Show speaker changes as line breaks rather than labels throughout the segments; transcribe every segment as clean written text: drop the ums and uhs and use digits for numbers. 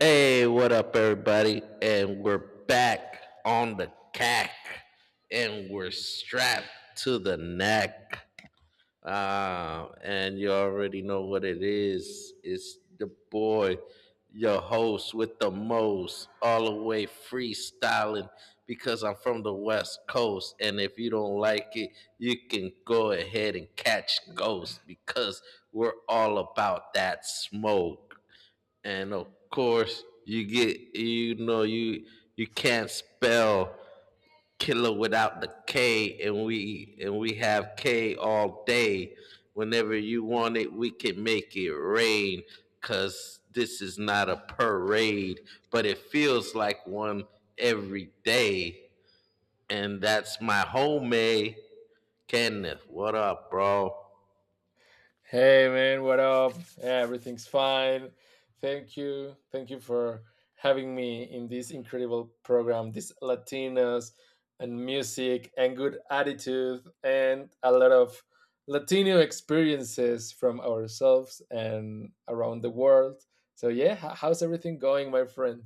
Hey, what up, everybody? And we're back on the cack, and we're strapped to the neck. And you already know what it is. It's the boy, your host with the most, all the way freestyling because I'm from the West Coast. And if you don't like it, you can go ahead and catch ghosts because we're all about that smoke and of course you get you know you can't spell killer without the K, and we have K all day. Whenever you want it, we can make it rain. Cause this is not a parade, but it feels like one every day. And that's my homie Kenneth. What up, bro?
Hey man, what up? Yeah, everything's fine. Thank you. Thank you for having me in this incredible program. This Latinos and music and good attitude and a lot of Latino experiences from ourselves and around the world. So yeah, how's everything going, my friend?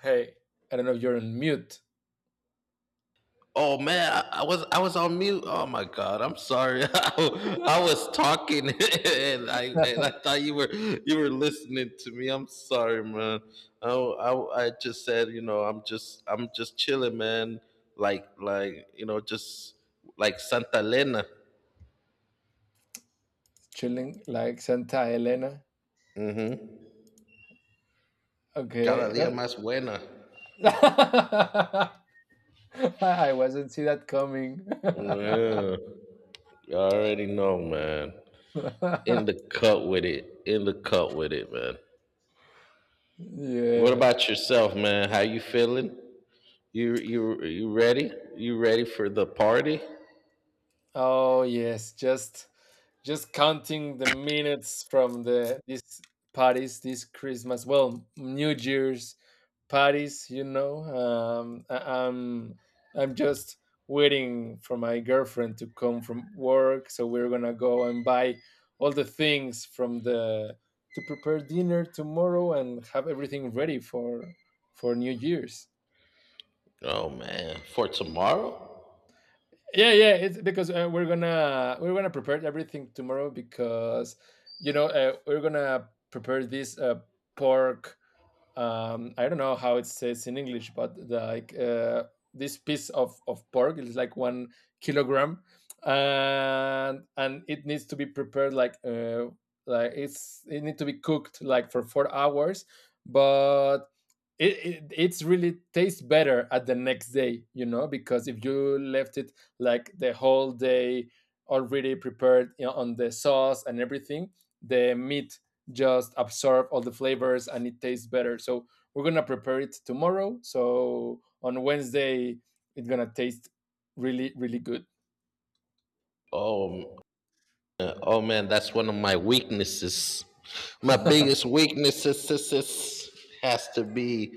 Hey, I don't know if you're on mute.
Oh man, I was on mute. Oh my god, I'm sorry. I, was talking and I thought you were listening to me. I'm sorry, man. Oh, I just said you know I'm just chilling, man. Like you know just like Santa Elena,
Chilling like Santa Elena.
cada
Okay.
día más buena.
I wasn't see that coming.
Yeah, you already know, man. In the cut with it. In the cut with it, man. What
yeah.
about yourself, man? How you feeling? You ready? You ready for the party?
Oh yes, just counting the minutes from these parties, this Christmas, well, New Year's parties. I'm I'm just waiting for my girlfriend to come from work, so we're gonna go and buy all the things from the to prepare dinner tomorrow and have everything ready for New Year's.
Oh man, for tomorrow?
Yeah, yeah, it's because we're gonna prepare everything tomorrow because you know, we're gonna prepare this pork. I don't know how it says in English, but the, like this piece of pork is like 1 kilogram, and it needs to be prepared like it needs to be cooked like for 4 hours. But it, it's really tastes better at the next day, you know, because if you left it like the whole day already prepared, you know, on the sauce and everything, the meat just absorb all the flavors and it tastes better. So we're gonna prepare it tomorrow, so on Wednesday it's gonna taste really really good.
Oh man. Oh man, that's one of my weaknesses. My biggest weaknesses is has to be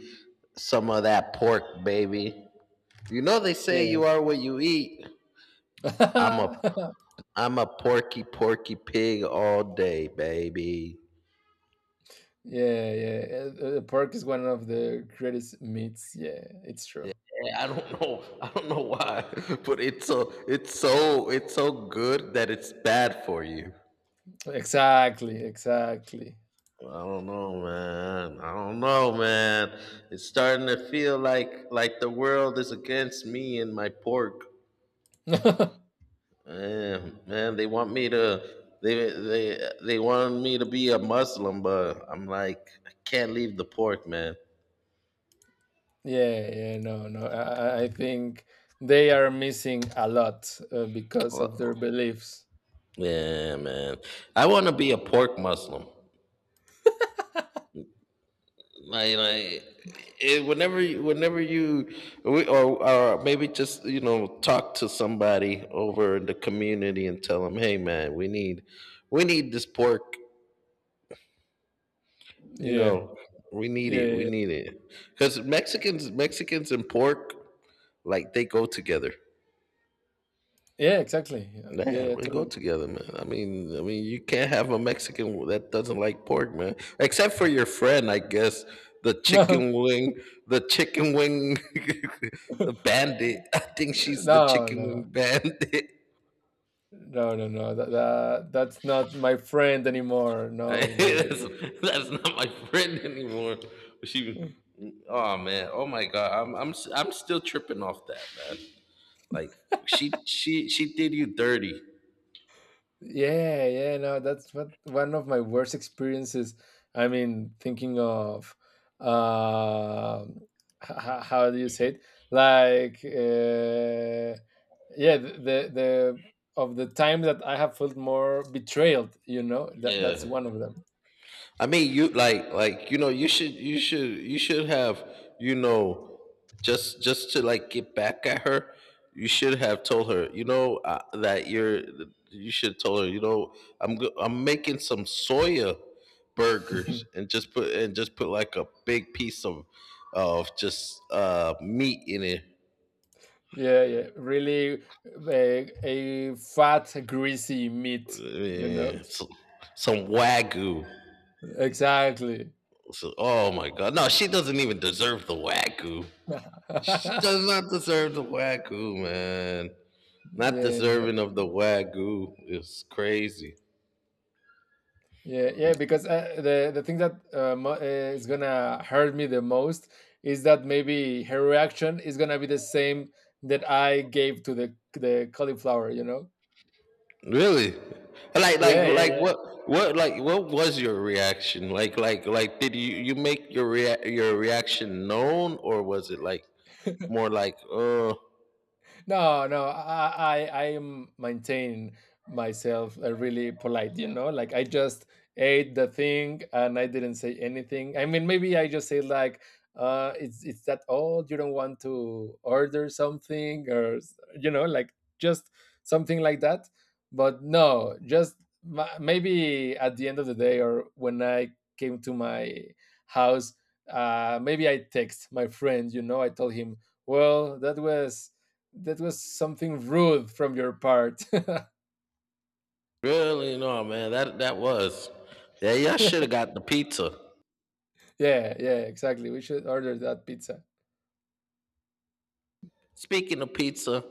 some of that pork, baby. You know they say
Yeah.
you are what you eat. I'm a I'm a porky porky pig all day, baby.
Yeah, yeah. Pork is one of the greatest meats. Yeah, it's true.
Yeah, I don't know. I don't know why, but it's so good that it's bad for you.
Exactly, exactly.
I don't know, man. I don't know, man. It's starting to feel like the world is against me and my pork.
Yeah,
Man, they want me to be a Muslim, but I'm like I can't leave the pork, man.
yeah, no, no. I think they are missing a lot, because
Well,
of their beliefs.
Yeah, man. I want to be a pork Muslim. Like, like whenever you, or maybe just you know talk to somebody over in the community and tell them, hey man, we need this pork. You
Yeah,
know, we need
yeah, yeah,
it. We
yeah.
need it because Mexicans and pork, like they go together.
Yeah, exactly. Yeah, yeah,
Yeah,
yeah,
we go
totally.
together, man. I mean, you can't have a Mexican that doesn't like pork, man. Except for your friend, I guess. The
No,
chicken wing, the chicken wing bandit. I think she's the chicken wing
no,
bandit.
no, no, no. That's not my friend anymore. No, no.
that's, that's not my friend anymore. She, oh man, oh my god, I'm still tripping off that, man. Like she did you dirty.
Yeah, yeah, no, that's what one of my worst experiences. I mean, thinking of, um how do you say it? Like, yeah, the of the time that I have felt more betrayed, you know, that's
Yeah.
one of them.
I mean, you like you know you should have you know just to like get back at her. You should have told her you know that you're you should told her you know I'm making some soya burgers and just put like a big piece of of just meat in it.
Yeah, yeah, really a fat, greasy meat, you know?
Yeah, so- some wagyu.
Exactly.
So, oh my god. No, she doesn't even deserve the wagyu. She
Yeah,
does not deserve the wagyu, man. Not
no.
deserving of the wagyu is crazy.
Yeah, yeah, because the thing that is gonna hurt me the most is that maybe her reaction is gonna be the same that I gave to the cauliflower. You know?
Really? Like, like,
Yeah,
like,
yeah,
what, what was your reaction? Did you make your your reaction known, or was it like
yeah.
more like, oh,
No, no, I am maintain myself really polite. You know, like I just ate the thing and I didn't say anything. I mean, maybe I just say like, it's that old. You don't want to order something, or you know, like just something like that. But no, just maybe at the end of the day, or when I came to my house, maybe I text my friend. You know, I told him, well, that was something rude from your part. Yeah,
really? No, man, that that was. Yeah, y'all should have got the pizza.
yeah, exactly. We should order that pizza.
Speaking of pizza,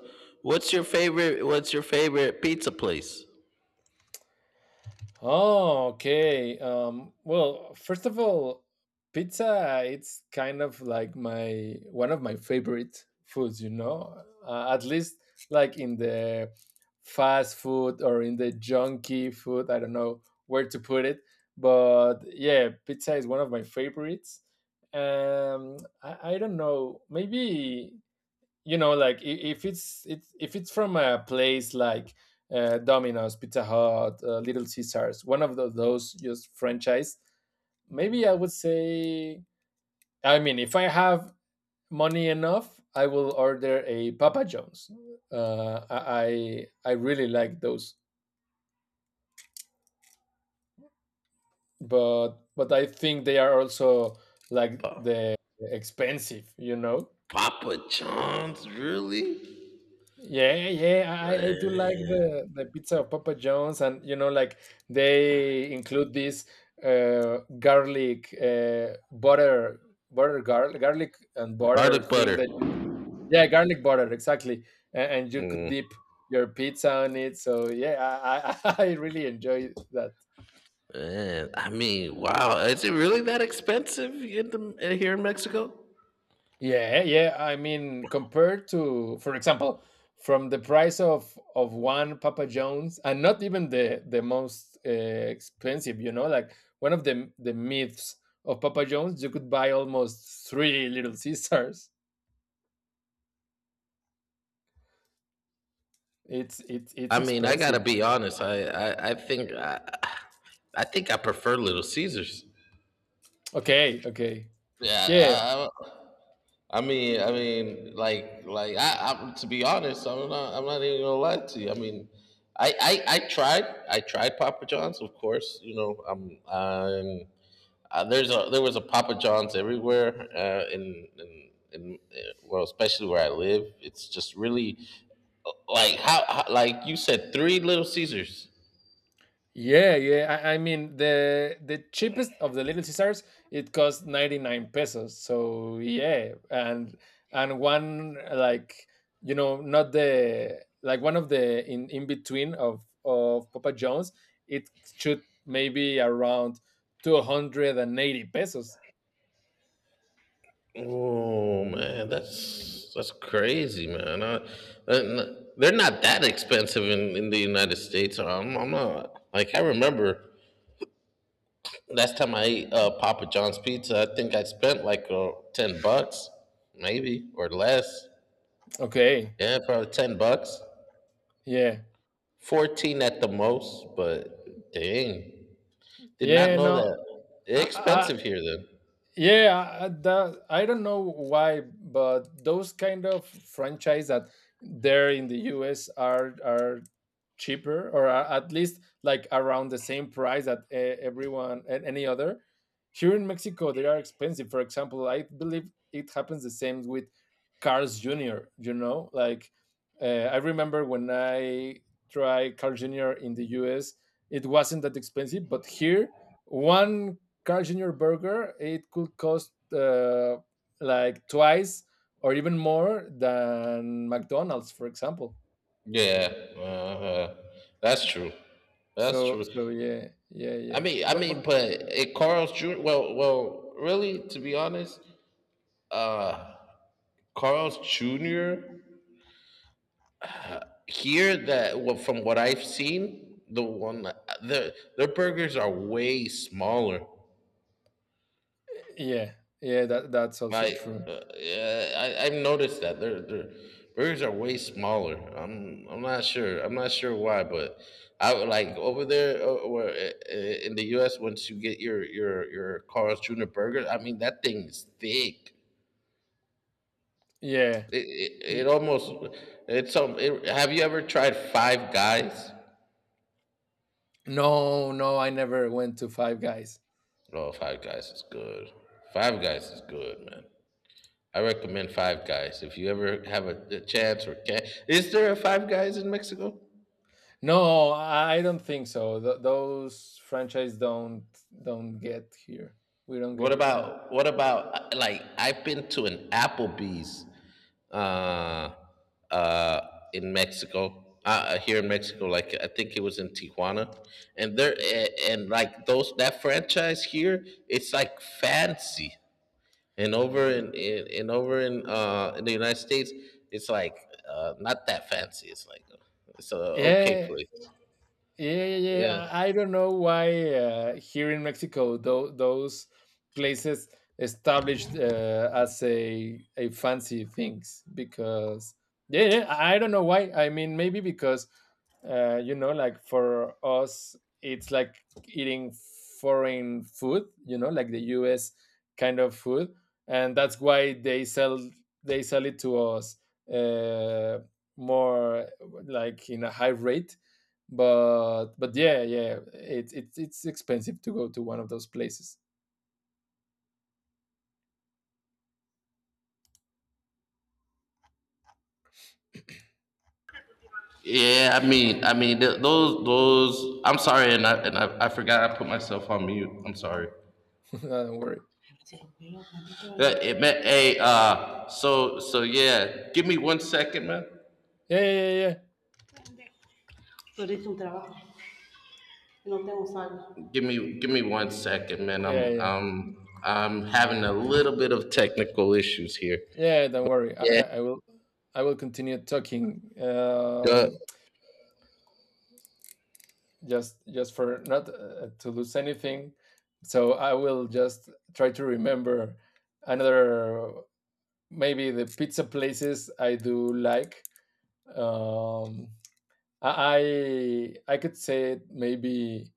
what's your favorite? What's your favorite pizza place?
Oh, okay. Well, first of all, pizza it's kind of like my one of my favorite foods, you know. At least like in the fast food or in the junky food, I don't know where to put it, but yeah, pizza is one of my favorites. Um, I don't know. Maybe you know like if it's it's if it's from a place like, Domino's, Pizza Hut, Little Caesars, one of those just franchise, maybe I would say. I mean, if I have money enough, I will order a Papa John's. I really like those, but I think they are also like
Pa-
the expensive, you know.
Papa John's, really?
Yeah, yeah, I do like
Man,
the pizza of Papa John's, and you know, like they include this, garlic, butter, garlic and butter
garlic
thing
butter.
that you could, yeah, garlic butter, exactly, and you could
Mm,
dip your pizza on it. So yeah, I really enjoy that.
man, I mean, wow, is it really that expensive in the here in Mexico?
Yeah, yeah. I mean, compared to, for example, from the price of one Papa John's, and not even the most, expensive, you know, like one of the myths of Papa John's, you could buy almost three Little Caesars. It's
I mean, I gotta
expensive.
be honest. I think I prefer Little Caesars.
Okay, okay.
Yeah,
Yeah.
I mean, I, to be honest, I'm not even gonna lie to you. I mean, I, I, I tried, I tried Papa John's, of course. You know, I'm there's a there was a Papa John's everywhere in well, especially where I live. It's just really like how like you said, three Little Caesars.
Yeah, yeah. I mean, the cheapest of the Little Caesars it costs 99 pesos. So, yeah, and one like, you know, not the like one of the in between of Papa John's, it should maybe around 280 pesos.
Oh man, that's crazy, man. I, and they're not that expensive in the United States. I'm not like I remember last time I ate Papa John's pizza. I think I spent like $10, maybe or less.
Okay.
Yeah, probably $10.
Yeah.
14 at the most, but dang. Did not
Yeah,
know
no.
that. It's
I,
expensive here then.
Yeah, I don't know why, but those kind of franchise that there in the US are cheaper, or at least like around the same price that, everyone and any other. Here in Mexico they are expensive. For example, I believe it happens the same with Carl's Junior, you know, like, uh, I remember when I tried Carl's Junior in the US, it wasn't that expensive, but here one Carl's Junior burger it could cost, like twice or even more than McDonald's, for example.
Yeah, uh, that's true. That's
So
true.
so yeah, yeah, yeah.
I mean,
But
but it Carl's Jr. Well, well, really, to be honest, uh, Carl's Jr. here that well, from what I've seen, the their burgers are way smaller.
yeah, yeah, that that's also
I
true.
yeah, I, I've noticed that their burgers are way smaller. I'm not sure. I'm not sure why, but I would like over there in the U.S. Once you get your Carl's Jr. burger, I mean that thing is thick.
Yeah.
It
Ye-
almost it's. It, have you ever tried Five Guys?
No, no, I never went to Five Guys.
Oh, Five Guys is good. Five Guys is good, man. I recommend Five Guys if you ever have a chance or can. Is there a Five Guys in Mexico?
No, I don't think so. Those franchise don't get here. We don't get it. No.
What about like I've been to an Applebee's uh uh in Mexico. Here in Mexico, like I think it was in Tijuana, and like those that franchise here, it's like fancy, and over in the United States, it's like not that fancy. It's like it's a okay
Yeah.
place.
Yeah, yeah,
Yeah.
yeah. I don't know why, here in Mexico those places established, as a fancy things, because yeah, yeah, I don't know why. I mean, maybe because, you know, like for us, it's like eating foreign food. You know, like the U.S. kind of food, and that's why they sell it to us, uh, more like in a high rate. But yeah, yeah, it's expensive to go to one of those places.
Yeah, those. I'm sorry, and I forgot I put myself on mute. I'm sorry.
Don't worry.
Hey, so yeah, give me 1 second, man.
Yeah, yeah, yeah,
Por isso trabalho. Eu não tenho salário. Give me 1 second, man.
yeah, yeah, yeah.
I'm having a little bit of technical issues here.
Yeah, don't worry,
Yeah.
I will continue talking.
Uh,
um just for not, to lose anything. So I will just try to remember another maybe the pizza places I do like. um i I could say maybe,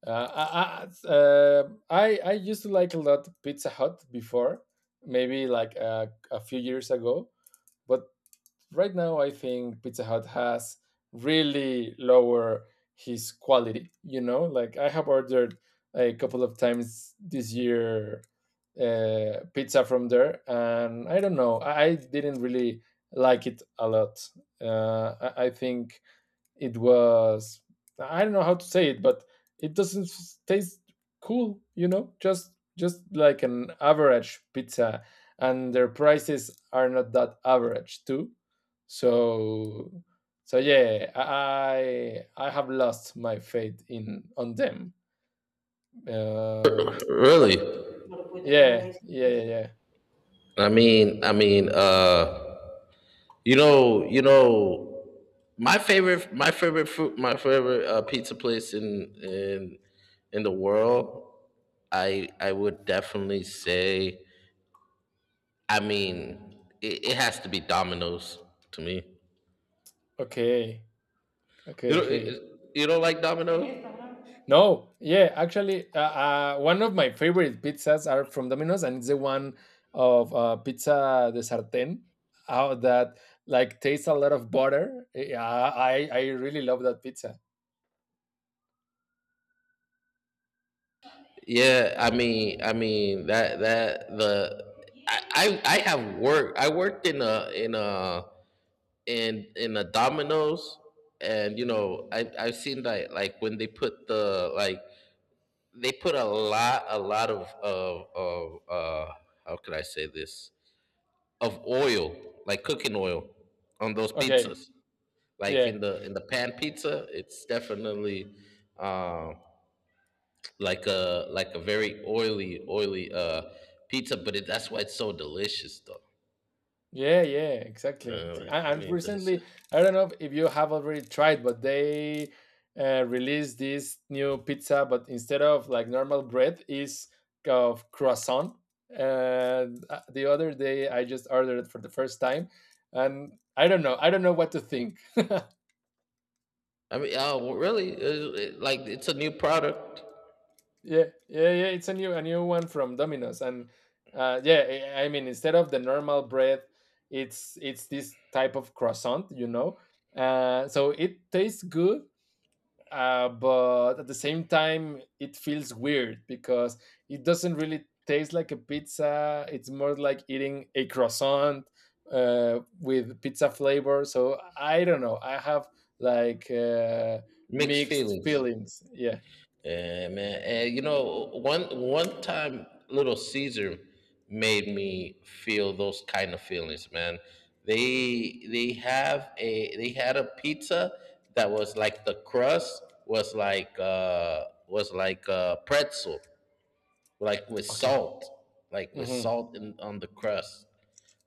I used to like a lot Pizza Hut before, maybe like, a few years ago. But right now, I think Pizza Hut has really lower his quality. You know, like I have ordered a couple of times this year, pizza from there, and I don't know, I didn't really like it a lot. I think it was, I don't know how to say it, but it doesn't taste cool, you know, just like an average pizza, and their prices are not that average too. So so yeah, I have lost my faith in on them. Um, wha-
really? Agora vou ter que olhar
yeah,
isso.
yeah, yeah, yeah.
I mean, I mean, uh, you know, you know. My favorite food, my favorite pizza place in the world. I would definitely say. I mean, it has to be Domino's to me.
Okay, okay,
You
okay.
don't, you don't like Domino's?
No, yeah, actually, one of my favorite pizzas are from Domino's, and it's the one of, pizza de sartén, how that like tastes a lot of butter. Yeah, I really love that pizza.
Yeah, I mean that that the I have worked. I worked in a Domino's, and you know I've seen that like when they put the like they put a lot of of how could I say this of oil like cooking oil on those
Okay,
pizzas like
yeah.
in the pan pizza it's definitely uh, like a very oily pizza but it, that's why it's so delicious though
Yeah, yeah, exactly.
I
And
mean that's
recently, I don't know if you have already tried, but they, released this new pizza, but instead of like normal bread, is of croissant. And the other day, I just ordered it for the first time, and I don't know what to think.
I mean really it, like it's a new product
Yeah, yeah, yeah. It's a new one from Domino's, and yeah, I mean, instead of the normal bread, it's this type of croissant, you know. So it tastes good, but at the same time it feels weird because it doesn't really taste like a pizza, it's more like eating a croissant, with pizza flavor. So I don't know, I have like,
mixed
mixed
feelings.
feelings, yeah.
Yeah, man. And you know, one one time, Little Caesar made me feel those kind of feelings, man. They have a they had a pizza that was like the crust was like a pretzel, like with
Okay.
salt, like with
Mhm.
salt on the crust.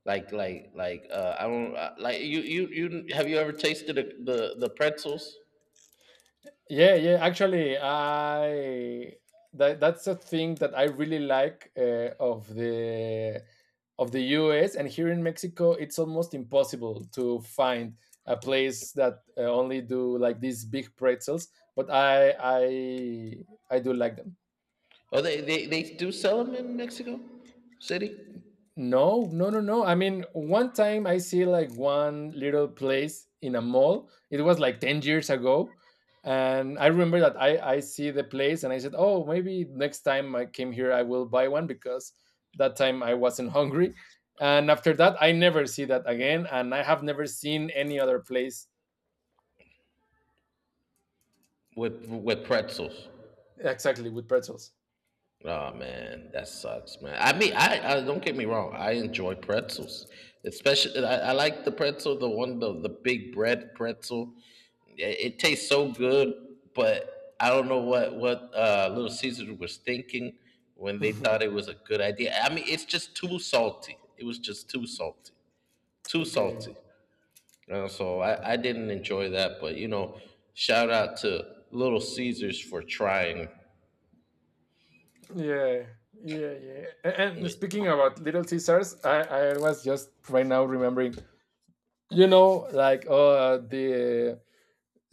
Like I don't like you you have you ever tasted the pretzels?
Yeah, yeah. Actually, I that that's a thing that I really like, of the US, and here in Mexico, it's almost impossible to find a place that, only do like these big pretzels. But I do like them.
Oh, they do sell them in Mexico City.
No, no, no, no. I mean, one time I see like one little place in a mall. It was like 10 years ago. And I remember that, I see the place and I said, oh, maybe next time I came here, I will buy one, because that time I wasn't hungry. And after that, I never see that again. And I have never seen any other place
With pretzels.
exactly with pretzels.
Oh man, that sucks, man. I mean, I don't get me wrong. I enjoy pretzels, especially I like the pretzel, the one the big bread pretzel. It tastes so good, but I don't know what Little Caesars was thinking when they thought it was a good idea. I mean, it's just too salty. It was just too salty, too
Okay.
salty. I didn't enjoy that, but you know, shout out to Little Caesars for trying.
Yeah. Yeah. Yeah. And speaking about Little Caesars, I was just right now remembering, you know like oh, the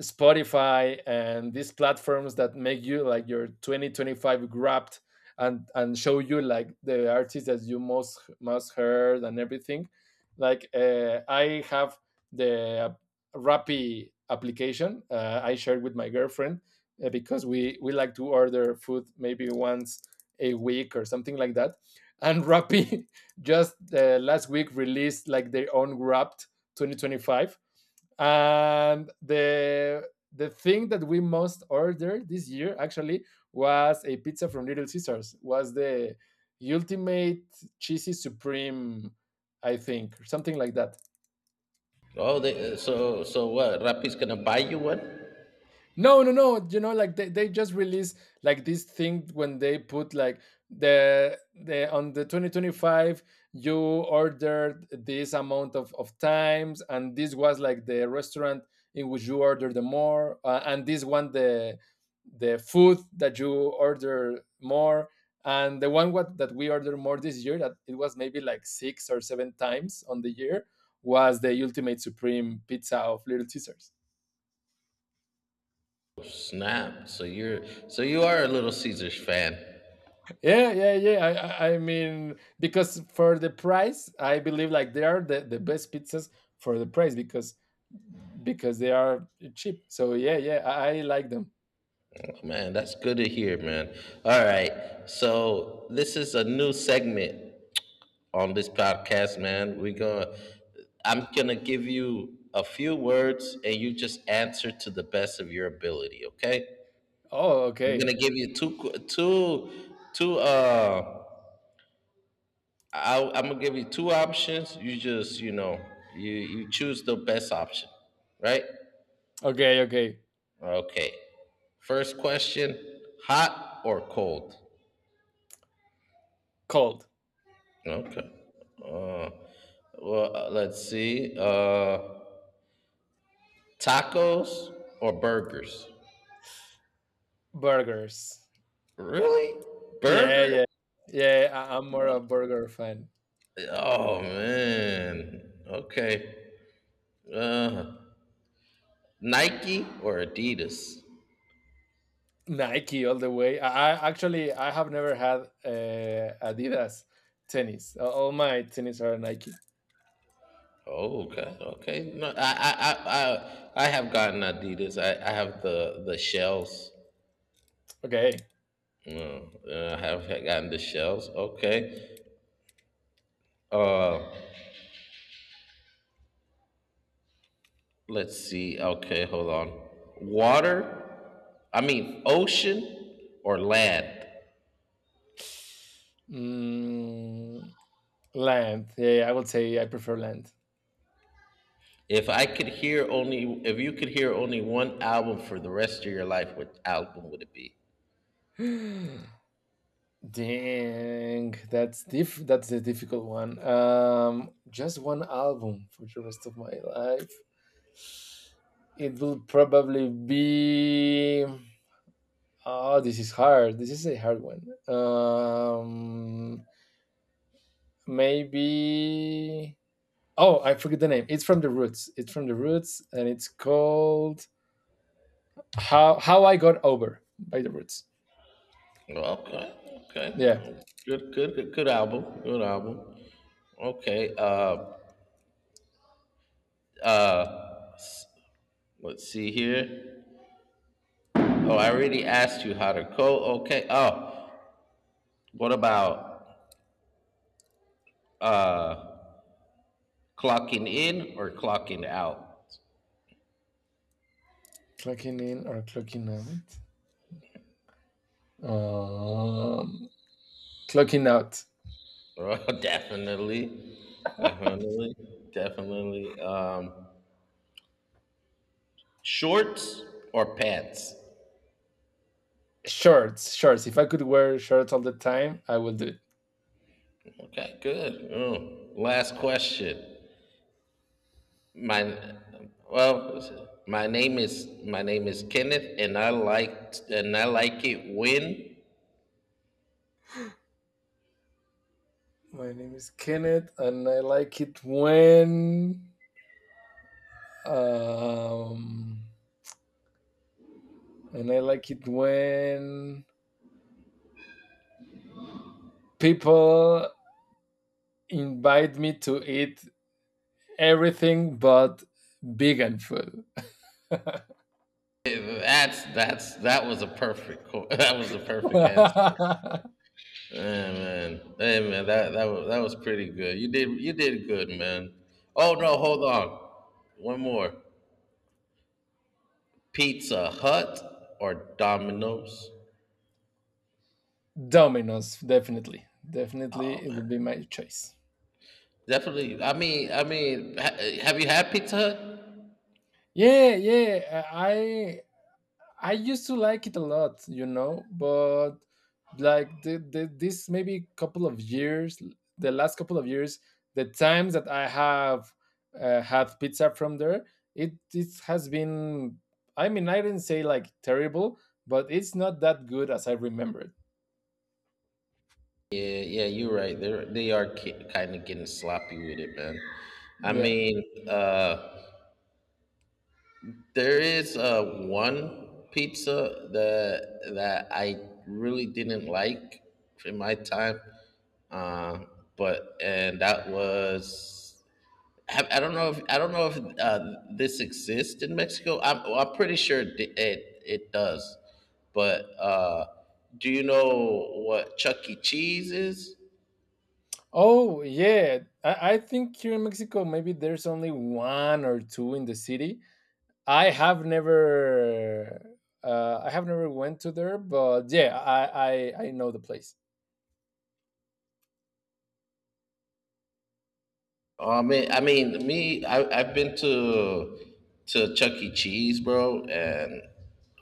Spotify and these platforms that make you like your 2025 wrapped and show you like the artists that you most heard and everything. Like I have the Rappi application, I shared with my girlfriend because we like to order food maybe once a week or something like that. And Rappi just last week released like their own Wrapped 2025, and the thing that we most ordered this year actually was a pizza from Little Caesars. Was the ultimate cheesy supreme, I think, or something like that.
So so what? Rapi's gonna buy you one?
No, no, no. You know, like they just released like this thing when they put like the the on the 2025 you ordered this amount of times, and this was like the restaurant in which you order the more, and this one the food that you order more, and the one what that we ordered more this year, that it was maybe like six or seven times on the year, was the ultimate supreme pizza of Little Caesars.
Snap! So you are a Little Caesars fan,
Yeah, yeah, yeah. I, I mean, because for the price, I believe like they are the best pizzas for the price because they are cheap. So yeah, yeah, I like them.
oh, man. That's good to hear, man. All right, so this is a new segment on this podcast, man. We gonna I'm gonna give you a few words, and you just answer to the best of your ability. Okay?
Oh,
I'm
okay,
gonna give you two qu- two two I, I'm gonna give you two options. You just, you know, you choose the best option, right?
okay, okay.
Okay. First question: hot or cold?
Cold.
Okay. Uh, let's see. Tacos or burgers?
Burgers.
Really?
Yeah,
Burger?
yeah, yeah. I'm more a burger fan.
Oh man. Okay. Uh, Nike or Adidas?
Nike all the way. I actually I have never had Adidas tennis. All my tennis are Nike.
Oh, okay. No, I have gotten Adidas. I have the shells.
Okay.
No, I have gotten the shells. Okay. Uh, let's see. Okay, hold on. Water. I mean, ocean or land.
Mm, land. Yeah, yeah, I would say I prefer land.
If I could hear only, if you could hear only one album for the rest of your life, what album would it be?
Dang, that's diff. That's a difficult one. Just one album for the rest of my life. It will probably be. Oh, this is hard. This is a hard one. Maybe. Oh, I forget the name. It's from the Roots. It's from the Roots, and it's called "How I Got Over" by the Roots.
Okay, okay.
Yeah,
Good, good, good, good album. Good album. Okay. Uh, Let's see here. Oh, I already asked you how to code. Okay. Oh, what about uh clocking in or clocking out?
clocking in or clocking out. Um, Clocking out.
Oh, definitely. Definitely. Definitely. Shorts or pants?
Shorts, shorts. If I could wear shorts all the time, I would do it.
Okay, good. Oh, last question. My my name is Kenneth, and I like it when…
My name is Kenneth, and I like it when, um, and I like it when people invite me to eat everything but vegan food.
That's that was a perfect qu- That was the perfect answer. Hey man, that was pretty good. You did good, man. Oh no, hold on, one more. Pizza Hut or Domino's?
Domino's, definitely, definitely, it will be my choice.
Definitely. Have you had Pizza Hut?
Yeah, yeah. I used to like it a lot, you know, but like this maybe couple of years, the last couple of years, the times that I have had pizza from there, it has been. I mean, I didn't say like terrible, but it's not that good as I remembered.
Yeah, yeah, you're right. They're they are ki kind of getting sloppy with it, man. I
Yeah.
mean, uh, there is one pizza that I really didn't like in my time, uh, but and that was… I don't know if this exists in Mexico. I'm pretty sure it does, but do you know what Chuck E. Cheese is?
Oh yeah. I think here in Mexico maybe there's only one or two in the city. I have never I have never went to there, but yeah, I, I know the place.
Oh, I've been to Chuck E. Cheese, bro, and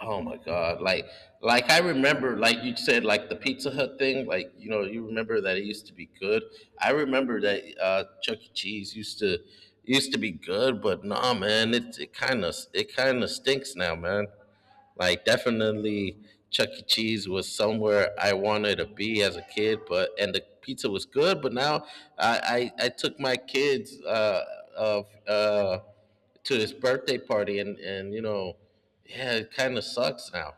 oh my god, like I remember, like you said, like the Pizza Hut thing, like you know, you remember that it used to be good. I remember that Chuck E. Cheese used to be good, but nah, man, it kind of stinks now, man. Like definitely Chuck E. Cheese was somewhere I wanted to be as a kid, but and the pizza was good. But now I took my kids of to his birthday party, and you know, yeah, it kind of sucks now.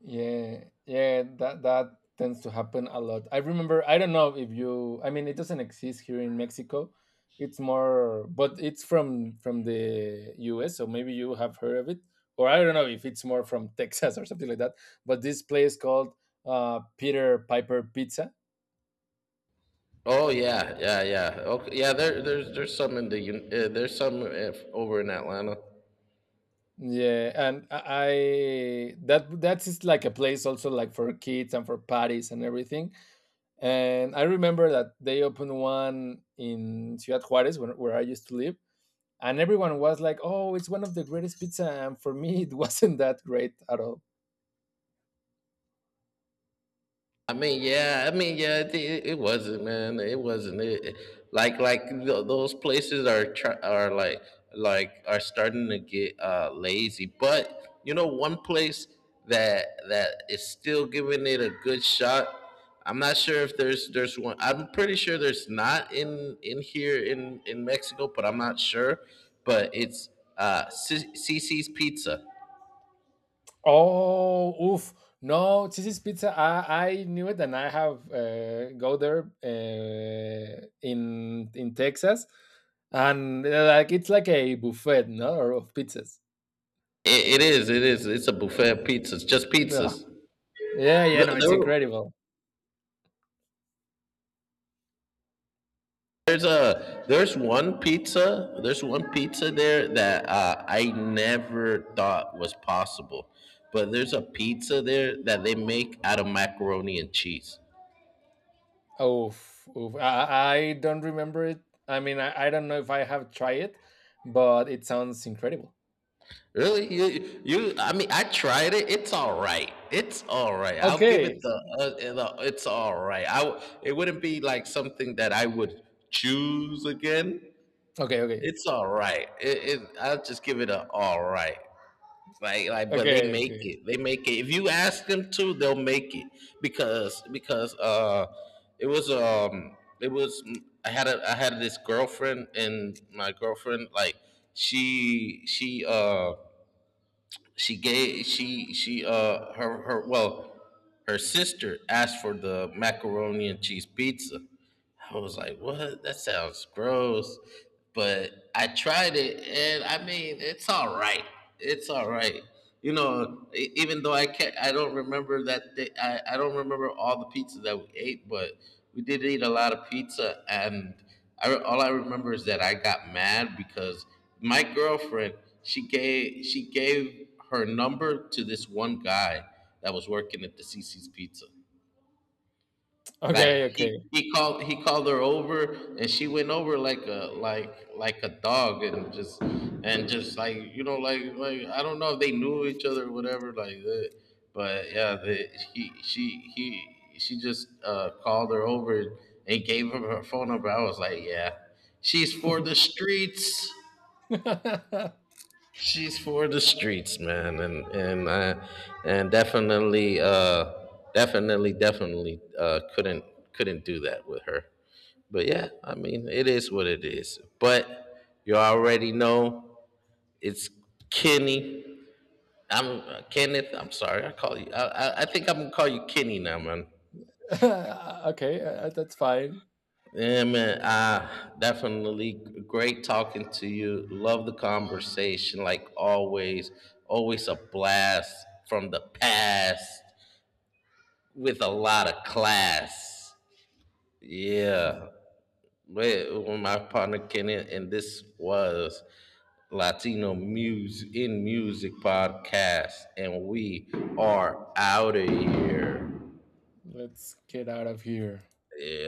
Yeah, yeah, that that tends to happen a lot. I remember I don't know if you I mean it doesn't exist here in Mexico. It's more but it's from the US, so maybe you have heard of it. Or I don't know if it's more from Texas or something like that. But this place called Peter Piper Pizza.
Oh yeah, yeah, yeah, okay, yeah, there's some in the there's some over in Atlanta.
Yeah, and that that is like a place also like for kids and for parties and everything. And I remember that they opened one in Ciudad Juarez where I used to live, and everyone was like, "Oh, it's one of the greatest pizza." And for me, it wasn't that great at all.
I mean, yeah. I mean, yeah. It wasn't, man. It wasn't. Those places are like, are starting to get lazy. But you know, one place that is still giving it a good shot. I'm not sure if there's one. I'm pretty sure there's not in here in Mexico, but I'm not sure. But it's CC's Pizza.
Oh, oof! No, Cici's Pizza. I knew it, and I have go there in Texas, and like it's like a buffet, no, or of pizzas.
It is. It's a buffet of pizzas. Just
Yeah,
pizzas.
yeah, yeah. No,
The-
it's
there-
incredible.
there's one pizza, there that I never thought was possible, but there's a pizza there that they make out of macaroni and cheese.
Oof, oof. I don't remember it. I mean, I don't know if I have tried it, but it sounds incredible.
Really, you I mean I tried it. It's all right. It's all right. I'll give
Okay,
it the, it's all right. It wouldn't be like something that I would choose again.
okay, okay,
It's all right. It I'll just give it a all right. Like, but they
okay,
make
okay,
it. They make it. If you ask them to, they'll make it because it was I had a I had this girlfriend, and my girlfriend, like, she she uh she gave she her her sister asked for the macaroni and cheese pizza. I was like, what? That sounds gross. But I tried it, and I mean, it's all right. It's all right. You know, e- even though I can't, I don't remember that. They, I don't remember all the pizza that we ate, but we did eat a lot of pizza, and all I remember is that I got mad because my girlfriend, she gave her number to this one guy that was working at the CC's Pizza. Like,
okay, okay.
he called her over, and she went over like a like a dog, and just, like, you know, like, I don't know if they knew each other or whatever like that, but yeah, the, he she just called her over and gave her her phone number. I was like, yeah, she's for the streets. She's for the streets, man. And definitely, definitely, couldn't do that with her. But yeah, I mean, it is what it is. But you already know, it's Kenny. I'm Kenneth. I'm sorry. I call you. I think I'm gonna call you Kenny now, man.
Okay, that's fine.
Yeah, man. Definitely great talking to you. Love the conversation, like always. Always a blast from the past with a lot of class. Yeah. Wait, when my partner Kenny, and this was Latino Music in Music podcast, and we are out of here.
Let's get out of here.
Yeah.